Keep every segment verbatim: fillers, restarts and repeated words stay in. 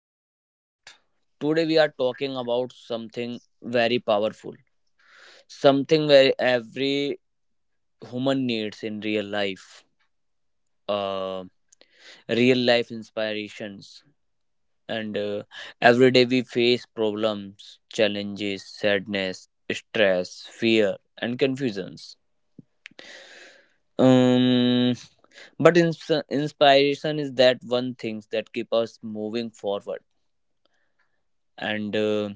podcast. Today, we are talking about something very powerful, something where every human needs in real life, uh, real life inspirations. And uh, Every day, we face problems, challenges, sadness, stress, fear, and confusions. Um, but ins- inspiration is that one thing that keep us moving forward and. Uh,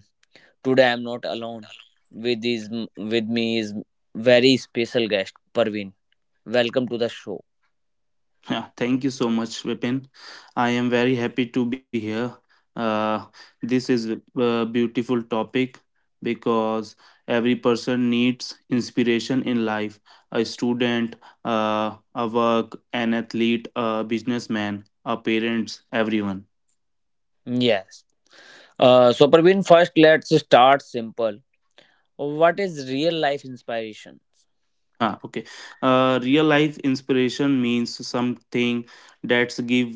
Today I'm not alone. With is with me is very special guest Parveen. Welcome to the show. Yeah, thank you so much, Vipin. I am very happy to be here. Uh, this is a beautiful topic because every person needs inspiration in life. A student, uh, a work, an athlete, a businessman, a parents, everyone. Yes. Uh, so Parveen, first let's start simple. What is real life inspiration? Ah, okay. Uh, real life inspiration means something that's give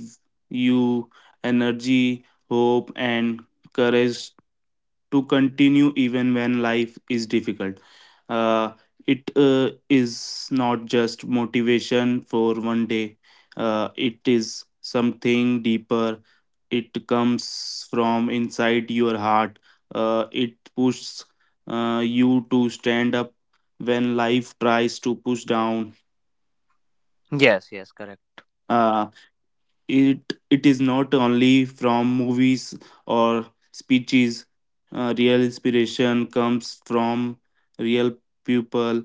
you energy, hope, and courage to continue even when life is difficult. Uh, it uh, is not just motivation for one day, uh, it is something deeper. It comes from inside your heart. Uh, it pushes uh, you to stand up when life tries to push down. Yes, yes, correct. Uh, it it is not only from movies or speeches. Uh, real inspiration comes from real people,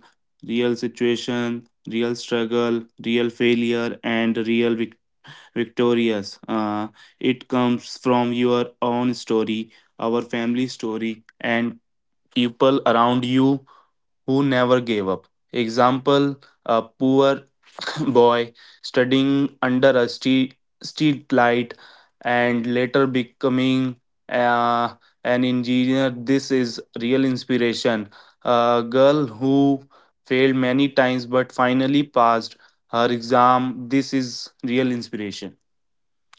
real situation, real struggle, real failure and real vic- victorious. Uh, it comes from your own story, our family story and people around you who never gave up. Example, a poor boy studying under a street, street light and later becoming uh, an engineer. This is real inspiration. A girl who failed many times but finally passed her exam. This is real inspiration.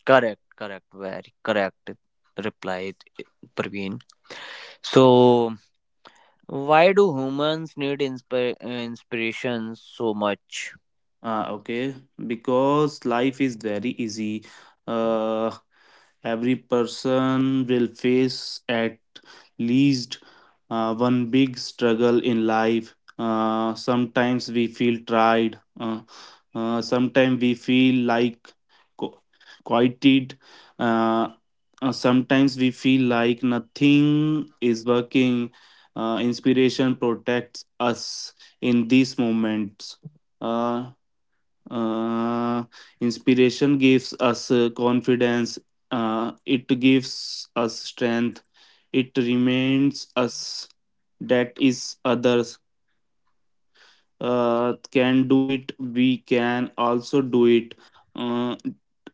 Correct, correct, very correct, replied Praveen. So, why do humans need inspir- uh, inspiration so much? Ah, okay. Because life is very easy. Uh, every person will face at least uh, one big struggle in life. Uh, sometimes we feel tried. Uh, uh, sometimes we feel like co- quieted. Uh, uh, sometimes we feel like nothing is working. Uh, inspiration protects us in these moments. Uh, uh, inspiration gives us uh, confidence, uh, it gives us strength, it reminds us that is others uh, can do it, we can also do it. Uh,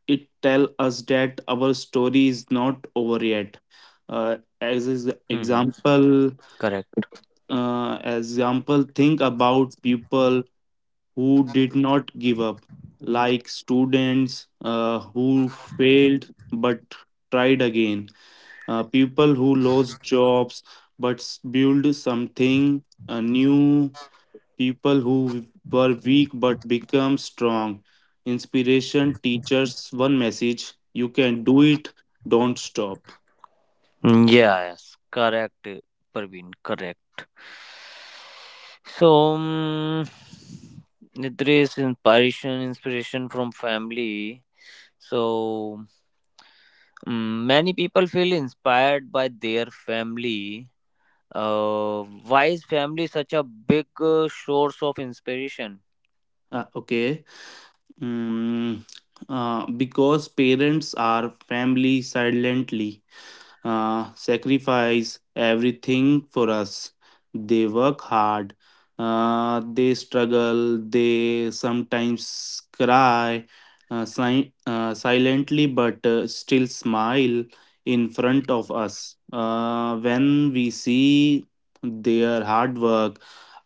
it tell us that our story is not over yet. Uh, as is Hmm. example, Correct. Uh, example, think about people who did not give up, like students uh, who failed but tried again, uh, people who lost jobs but s- built something uh, new, people who were weak but become strong. Inspiration teaches one message: you can do it, don't stop. Mm, yes, correct, Parveen, correct. So, um, there is inspiration, inspiration from family. So, um, many people feel inspired by their family. Uh, why is family such a big uh, source of inspiration? Uh, okay. Mm, uh, because parents are family silently uh, sacrifice everything for us. They work hard, uh, they struggle, they sometimes cry uh, si- uh, silently but uh, still smile in front of us. Uh, when we see their hard work,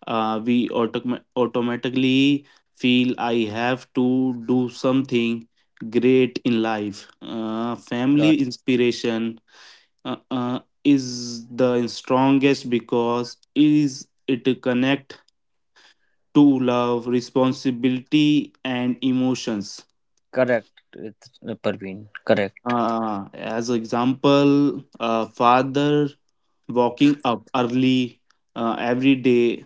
uh, we autom- automatically feel I have to do something great in life. Uh, family Cor- inspiration uh, uh, is the strongest because is it connect to love, responsibility and emotions. Correct, it's, uh, Parveen. Correct, uh, As example, a father walking up early uh, every day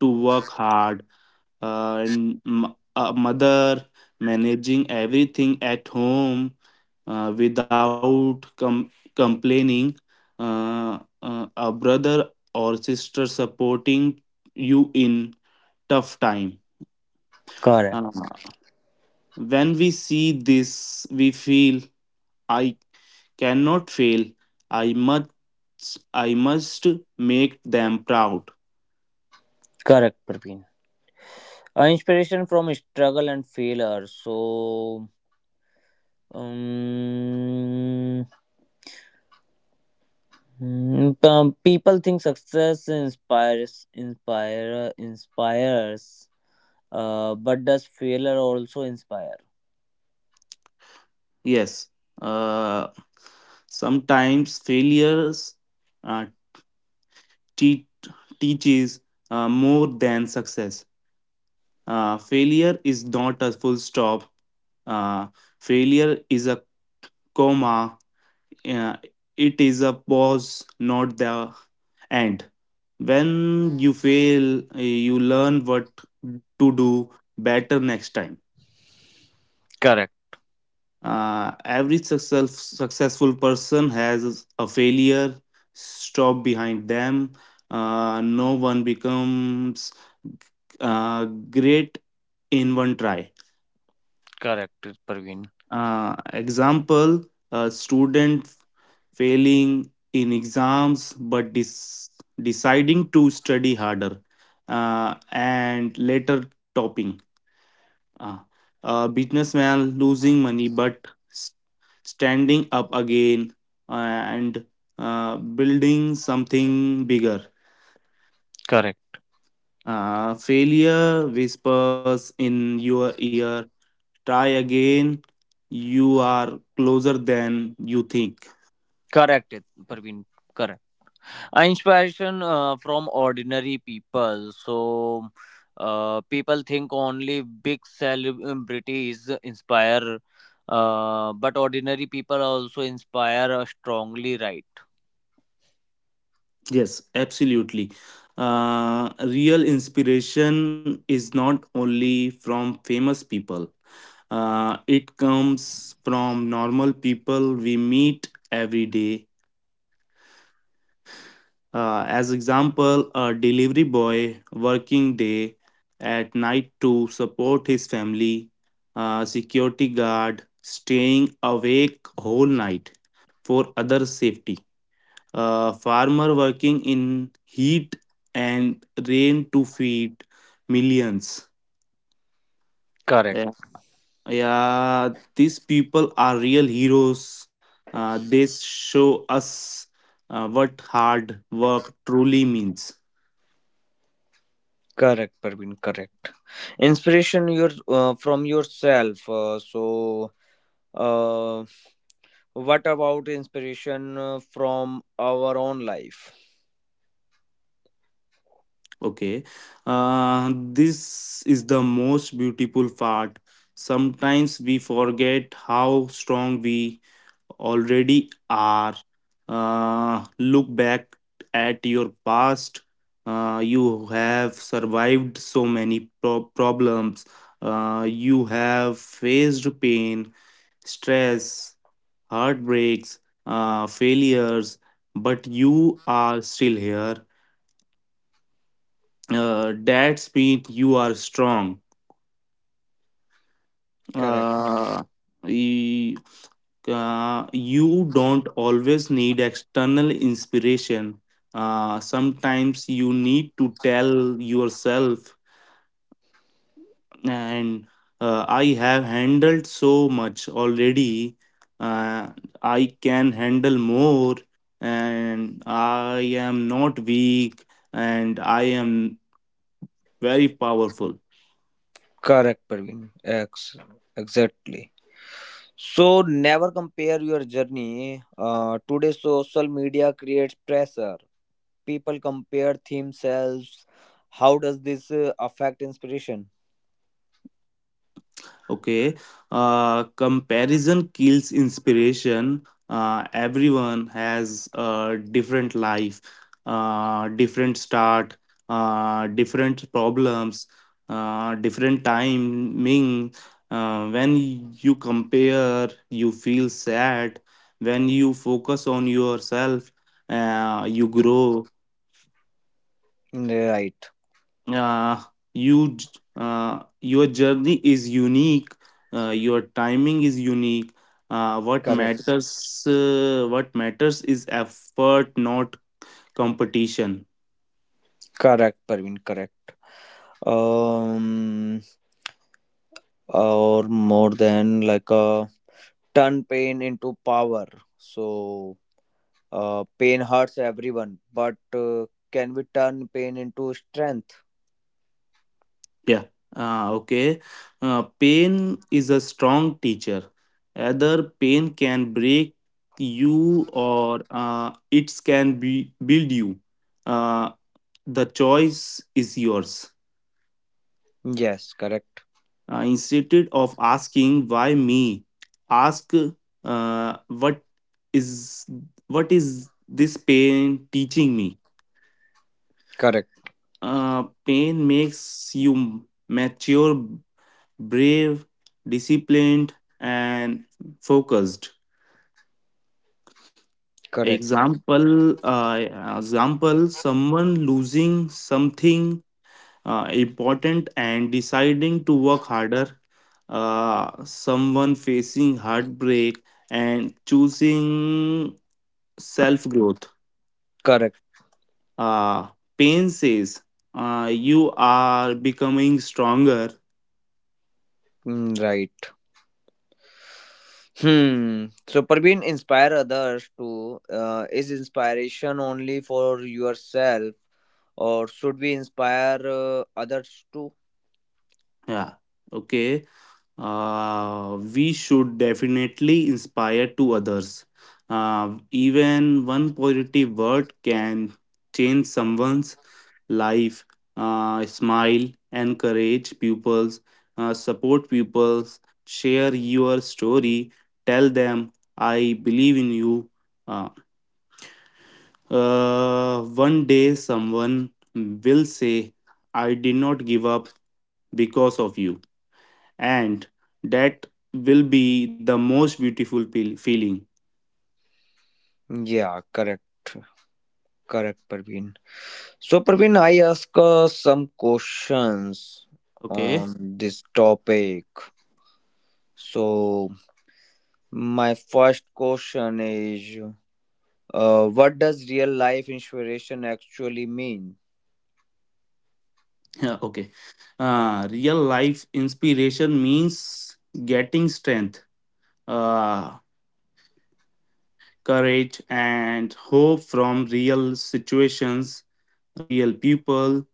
to work hard, uh, and m- a mother managing everything at home uh, without com- complaining, uh, uh, a brother or sister supporting you in tough time. correct, Uh, when we see this, we feel I cannot fail. I must, I must make them proud. correct, Parveen. Uh, inspiration from struggle and failure. So. Um, mm, um, people think success inspires, inspire, inspires, uh, but does failure also inspire? Yes. Uh, sometimes failures uh, te- teaches uh, more than success. Uh, failure is not a full stop. Uh, failure is a comma. Uh, it is a pause, not the end. When you fail, uh, you learn what to do better next time. Correct, Uh, every success, successful person has a failure stop behind them. Uh, no one becomes uh, great in one try. correct, Parveen. Uh, example: a student failing in exams but dis- deciding to study harder uh, and later topping. Ah, a businessman losing money but s- standing up again, uh, and uh, building something bigger. Correct, Uh, failure whispers in your ear, try again, you are closer than you think. correct, Parveen. Correct. Uh, Inspiration uh, from ordinary people. So, uh, people think only big celebrities inspire, uh, but ordinary people also inspire uh, strongly, right? Yes, absolutely. Uh, real inspiration is not only from famous people, uh, it comes from normal people we meet every day. Uh, as example, a delivery boy working day at night to support his family, a security guard staying awake whole night for other safety, uh, farmer working in heat and rain to feed millions. Correct, Yeah, yeah, these people are real heroes. Uh, they show us uh, what hard work truly means. correct, Parveen, correct. Inspiration your uh, from yourself. Uh, so, uh, what about inspiration uh, from our own life? Okay. Uh, this is the most beautiful part. Sometimes we forget how strong we already are. Uh, look back at your past. Uh, you have survived so many pro- problems. Uh, you have faced pain, stress, heartbreaks, uh, failures, but you are still here, uh, that's mean you are strong. Correct, Uh, y- uh, you don't always need external inspiration. Uh, sometimes you need to tell yourself, and uh, I have handled so much already. Uh, I can handle more, and I am not weak, and I am very powerful. correct, Parveen. Ex- exactly. So, never compare your journey. Uh, today, social media creates pressure. People compare themselves. How does this uh, affect inspiration? Okay. Uh, comparison kills inspiration. Uh, everyone has a different life, uh, different start, uh, different problems, uh, different timing. Uh, when you compare, you feel sad. When you focus on yourself, uh, you grow. Right, uh, you j- uh, your journey is unique, uh, your timing is unique. uh, what correct, matters uh, what matters is effort, not competition. correct, Parveen, correct. um or more than like a turn pain into power, so uh, pain hurts everyone, but uh, can we turn pain into strength? Yeah, uh, okay. Uh, pain is a strong teacher. Either pain can break you or uh, it can be build you. uh, the choice is yours. Yes, correct. Uh, instead of asking why me, ask uh, what is what is this pain teaching me? Correct, Uh, pain makes you mature, brave, disciplined, and focused. correct, Example, uh, Example, someone losing something uh, important and deciding to work harder, uh, someone facing heartbreak, and choosing self growth. correct. Uh, pain says uh, you are becoming stronger. Mm, right. Hmm. So Parveen, inspire others to uh, is inspiration only for yourself or should we inspire uh, others too? Yeah, okay. Uh, we should definitely inspire to others. Uh, even one positive word can change someone's life, uh, smile, encourage pupils, uh, support pupils, share your story, tell them, I believe in you. Uh, uh, One day, someone will say, I did not give up because of you. And that will be the most beautiful feel- feeling. Yeah, correct. Correct, Praveen. So, Praveen, I ask uh, some questions on Okay. this topic. So, my first question is uh, what does real life inspiration actually mean? Yeah, okay. Uh, real life inspiration means getting strength. Uh, courage, and hope from real situations, real people,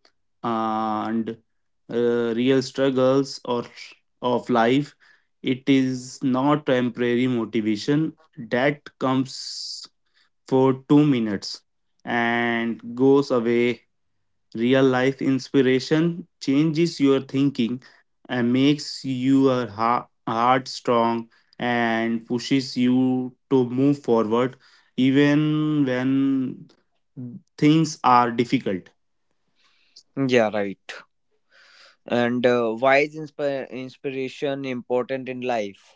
and uh, real struggles or of life. It is not temporary motivation that comes for two minutes and goes away. Real life inspiration changes your thinking and makes your ha- heart strong and pushes you to move forward even when things are difficult. Yeah, right. And uh, why is inspi- inspiration important in life?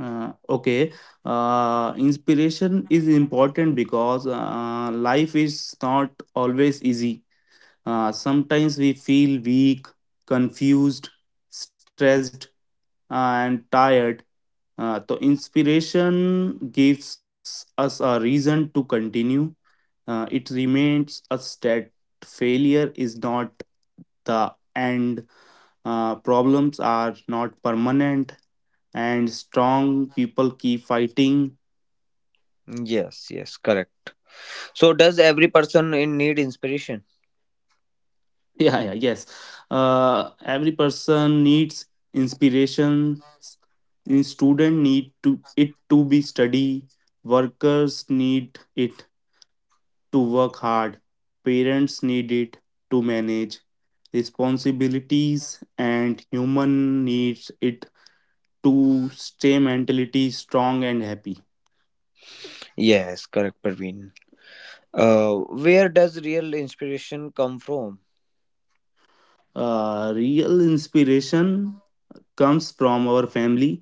Uh, okay, uh, inspiration is important because uh, life is not always easy. Uh, sometimes we feel weak, confused, stressed, and tired. Uh, so inspiration gives us a reason to continue. Uh, it reminds us that failure is not the end, uh, problems are not permanent, and strong people keep fighting. Yes, yes, correct. So, does every person in need inspiration? Yeah, yeah, yes. Uh, every person needs inspiration. In student need to it to be study. Workers need it to work hard, parents need it to manage responsibilities, and human needs it to stay mentally strong and happy. Yes, correct, Praveen. Uh, where does real inspiration come from? Uh, real inspiration comes from our family,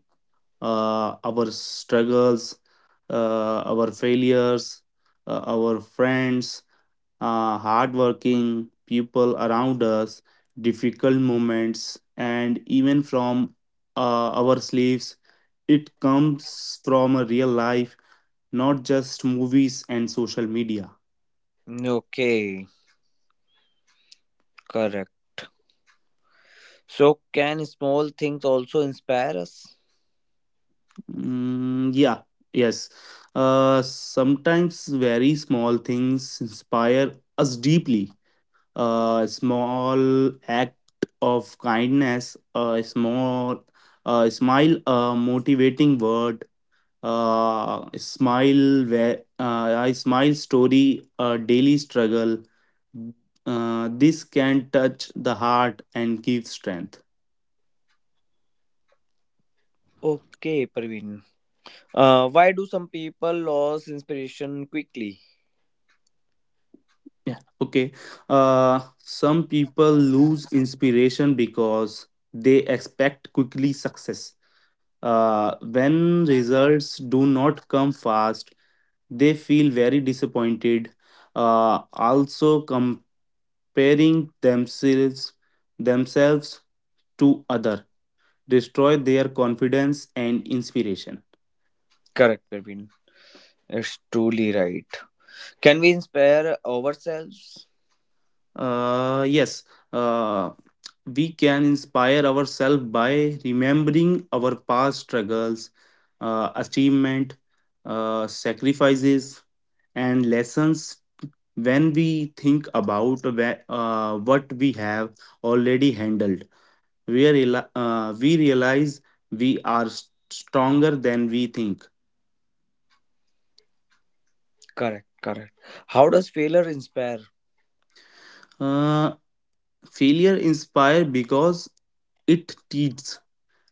uh, our struggles, uh, our failures, uh, our friends, uh, hardworking people around us, difficult moments, and even from uh, our sleeves. It comes from a real life, not just movies and social media. Okay. Correct. So, can small things also inspire us? Mm, yeah, yes. Uh, sometimes very small things inspire us deeply. A small act of kindness, a small a smile, a motivating word, uh, smile where uh, I smile story a daily struggle, uh, this can touch the heart and give strength. Okay, Praveen. Uh, why do some people lose inspiration quickly? Yeah, okay. Uh, some people lose inspiration because they expect quickly success. Uh, when results do not come fast they feel very disappointed. Uh, also comparing themselves themselves to others destroy their confidence and inspiration. Correct, Praveen. It's truly right. Can we inspire ourselves? Uh, yes, uh, we can inspire ourselves by remembering our past struggles, uh, achievement, uh, sacrifices, and lessons when we think about whe- uh, what we have already handled. We, reali- uh, we realize we are s- stronger than we think. Correct, correct. How does failure inspire? Uh, failure inspire because it teaches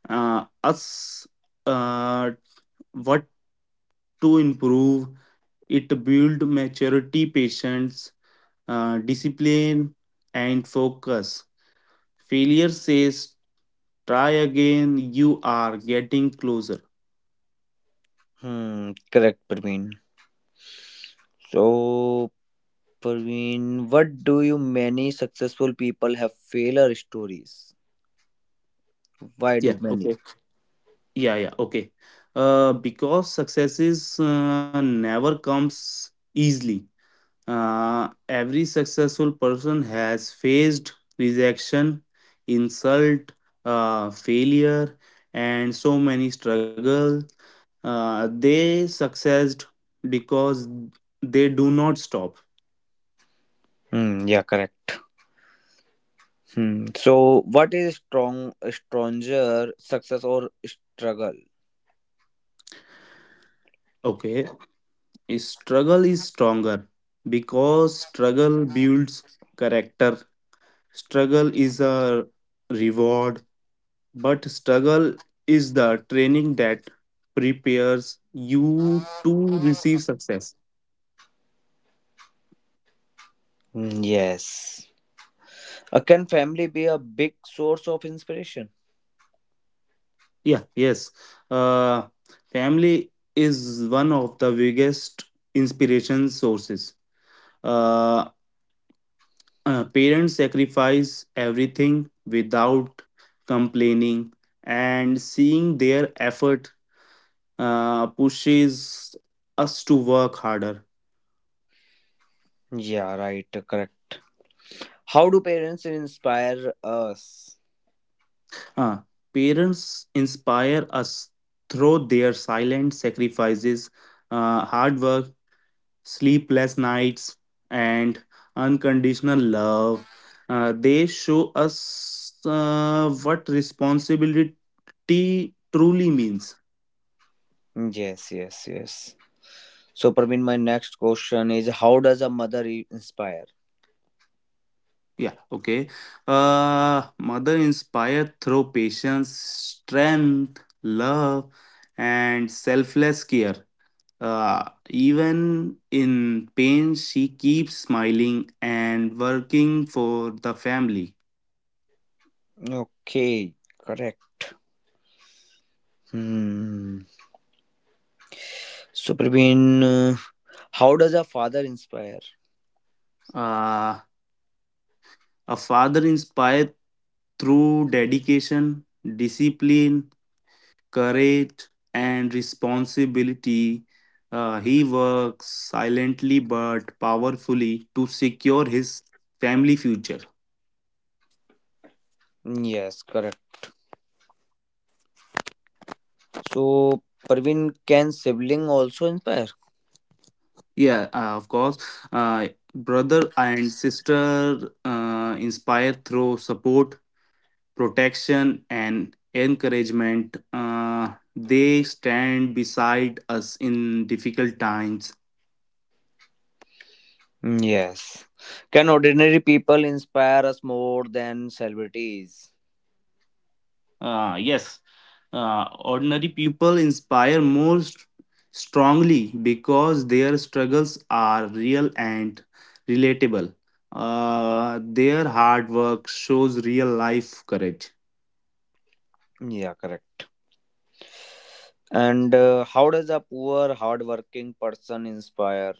uh, us uh, what to improve. It build maturity, patience, uh, discipline and focus. Failure says try again, you are getting closer. Hmm, correct, Praveen. So, Praveen, what do you many successful people have failure stories? Why do yeah many? okay yeah yeah okay uh, because successes uh, never comes easily. Uh, every successful person has faced rejection, insult, uh, failure, and so many struggles. Uh, they succeed because they do not stop. Hmm, yeah, correct. Hmm. So, what is strong, stronger, success or struggle? Okay, struggle is stronger because struggle builds character. Struggle is a reward. But struggle is the training that prepares you to receive success. Hmm, yes. Uh, can family be a big source of inspiration? Yeah, yes. Uh, family is one of the biggest inspiration sources. Uh, uh, Parents sacrifice everything without complaining, and seeing their effort uh, pushes us to work harder. Yeah, right, uh, correct. How do parents inspire us? Uh, parents inspire us through their silent sacrifices, uh, hard work, sleepless nights, and unconditional love. Uh, they show us uh, what responsibility truly means. Hmm, yes, yes, yes. So, Praveen, my next question is, how does a mother i- inspire? Yeah, okay. Uh, mother inspire through patience, strength, love, and selfless care. Uh, even in pain, she keeps smiling and working for the family. Okay, correct. Hmm. So, Praveen, uh, how does a father inspire? Uh, a father inspired through dedication, discipline, courage, and responsibility. Uh, he works silently but powerfully to secure his family future. Hmm, yes, correct. So, Parveen, can sibling also inspire? Yeah, uh, of course. Uh, brother and sister uh, inspire through support, protection and encouragement. Uh, they stand beside us in difficult times. Mm, yes. Can ordinary people inspire us more than celebrities? Uh, yes, uh, ordinary people inspire most strongly because their struggles are real and relatable. Uh, their hard work shows real life courage. Mm, yeah, correct. And uh, how does a poor, hardworking person inspire?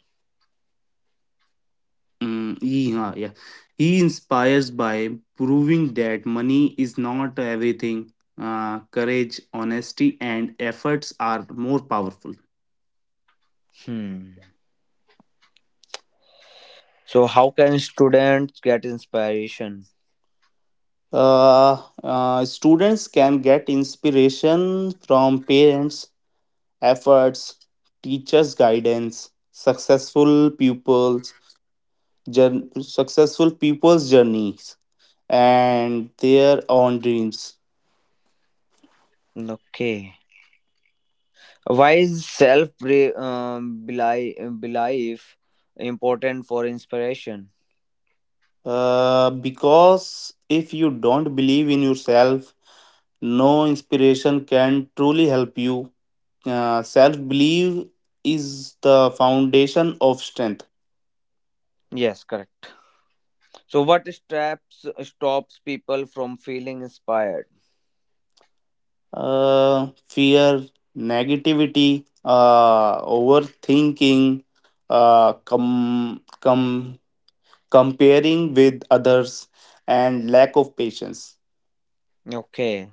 Mm, yeah, yeah. He inspires by proving that money is not everything. Uh, courage, honesty, and efforts are more powerful. Hmm. So, how can students get inspiration? Uh, uh, Students can get inspiration from parents' efforts, teachers' guidance, successful pupils, jour- successful people's journeys, and their own dreams. Okay. Why is self, um, beli- belief important for inspiration? Uh, because if you don't believe in yourself, no inspiration can truly help you. Uh, Self belief is the foundation of strength. Yes, correct. So what straps stops people from feeling inspired? Uh, fear, negativity, uh, overthinking, uh, com- com- comparing with others, and lack of patience. Okay.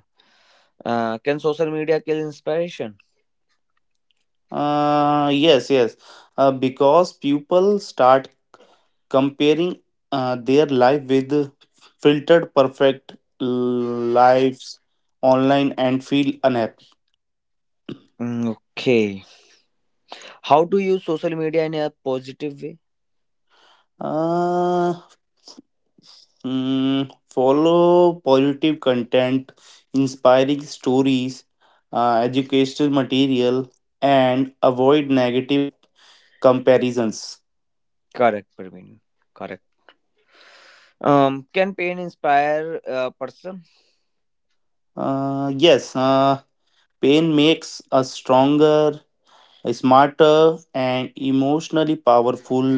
Uh, can social media kill inspiration? Uh, yes, yes. Uh, because people start comparing uh, their life with filtered perfect lives online and feel unhappy. Mm, okay. How to use social media in a positive way? uh, mm, Follow positive content, inspiring stories, uh, educational material and avoid negative comparisons. Correct, Praveen. Correct. Um, can pain inspire a person? Uh, yes, uh, pain makes us stronger, smarter and emotionally powerful.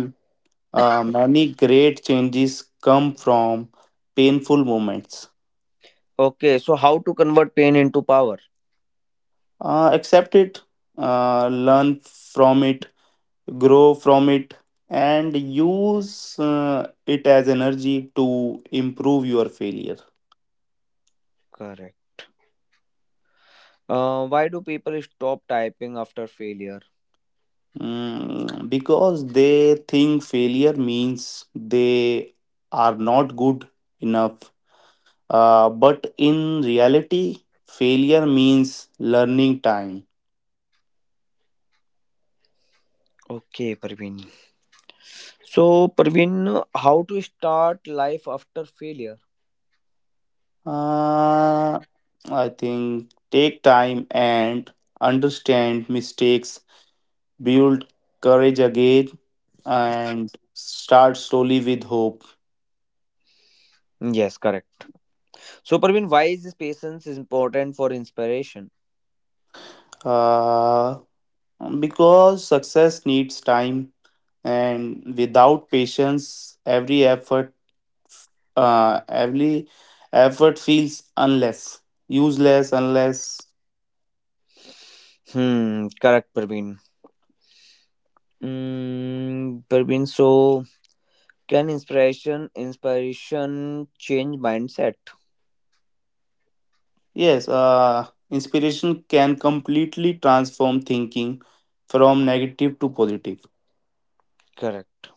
Uh, many great changes come from painful moments. Okay. So how to convert pain into power? Uh, accept it, uh, learn from it, grow from it, and use uh, it as energy to improve your failure. Correct. Uh, why do people stop typing after failure? Mm, because they think failure means they are not good enough. Uh, but in reality, failure means learning time. Okay, Praveen. So Praveen, how to start life after failure? Uh, I think take time and understand mistakes, build courage again, and start slowly with hope. Yes, correct. So, Parveen, why is this patience is important for inspiration? Uh, because success needs time, and without patience, every effort, uh, every effort feels unless useless, unless. Hmm, correct, Parveen. Mm, Parveen, so can inspiration inspiration change mindset? Yes, uh, inspiration can completely transform thinking from negative to positive. Correct,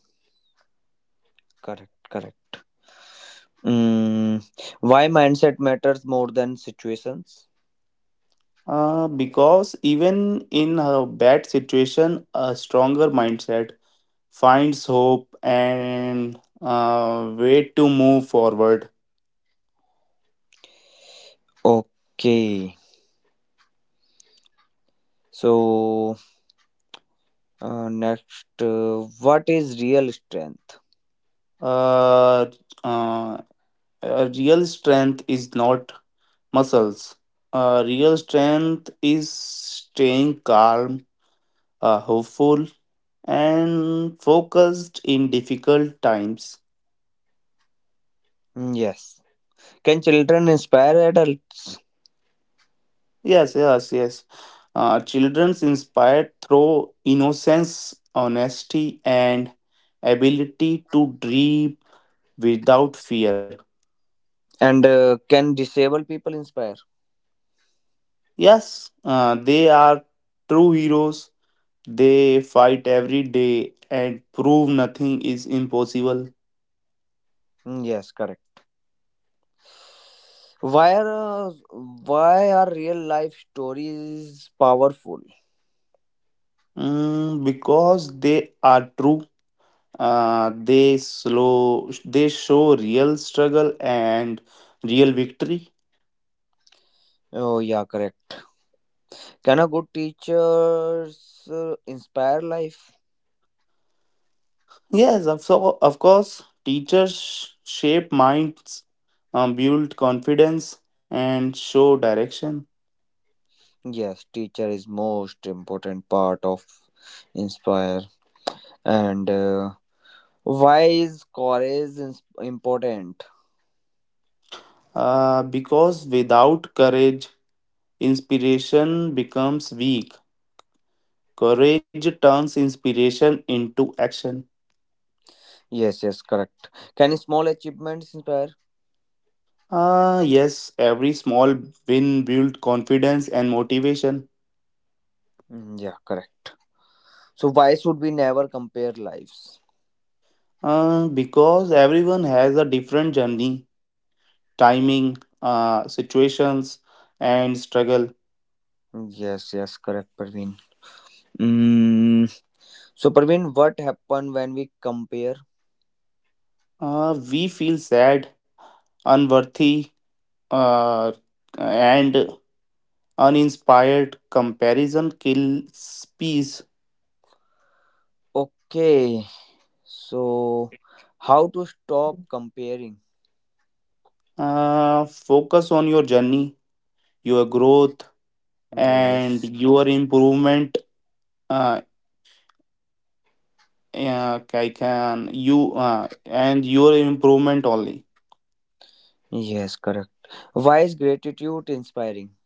correct, correct. Mm, why mindset matters more than situations? Uh, because even in a bad situation, a stronger mindset finds hope and uh, way to move forward. Okay. So uh, next, uh, what is real strength? Uh, uh, a real strength is not muscles. Uh, real strength is staying calm, uh, hopeful and focused in difficult times. Mm, yes. Can children inspire adults? Yes, yes, yes. Uh, children's inspired through innocence, honesty, and ability to dream without fear. And uh, can disabled people inspire? Yes, uh, they are true heroes. They fight every day and prove nothing is impossible. Mm, yes, correct. Why are why are real life stories powerful? Mm, because they are true. Uh, they slow they show real struggle and real victory. Oh yeah, correct. Can a good teachers uh, inspire life? Yes, of so of course, teachers shape minds, um, build confidence, and show direction. Yes, teacher is most important part of inspire. And uh, why is courage ins- important? Uh, because without courage, inspiration becomes weak. Courage turns inspiration into action. Yes, yes, correct. Can small achievements inspire? Ah, yes, every small win builds confidence and motivation. Mm, yeah, correct. So why should we never compare lives? Uh, because everyone has a different journey, timing, uh, situations, and struggle. Mm, yes, yes, correct, Praveen. Mm, so Praveen, what happen when we compare? Uh, we feel sad, unworthy, uh, and uninspired. Comparison kills peace. Okay, so how to stop comparing? Uh, focus on your journey, your growth, and Yes, your improvement. Uh, uh, I can you uh, And your improvement only. yes, correct. Why is gratitude inspiring?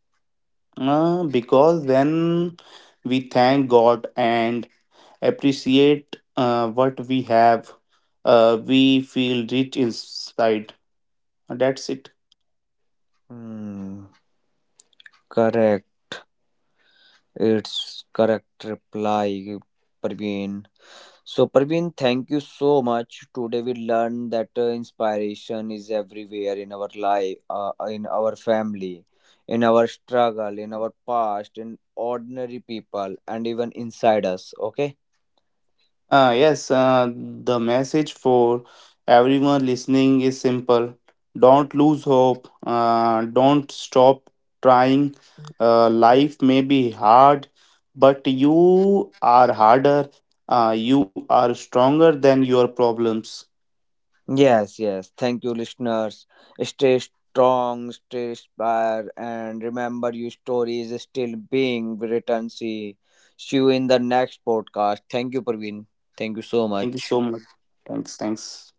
Uh, because when we thank God and appreciate uh, what we have, uh, we feel rich inside. That's it. Hmm, correct. It's correct reply, Parveen. So, Parveen, thank you so much. Today we learned that uh, inspiration is everywhere in our life, uh, in our family, in our struggle, in our past, in ordinary people, and even inside us. Okay. Uh, yes, uh, the message for everyone listening is simple. Don't lose hope. Uh, don't stop trying. Uh, life may be hard, but you are harder. Uh, you are stronger than your problems. Yes, yes. Thank you, listeners. Stay strong, stay inspired, and remember your story is still being written. See, see you in the next podcast. Thank you, Praveen. Thank you so Thank you much. so much. Thanks. Thanks.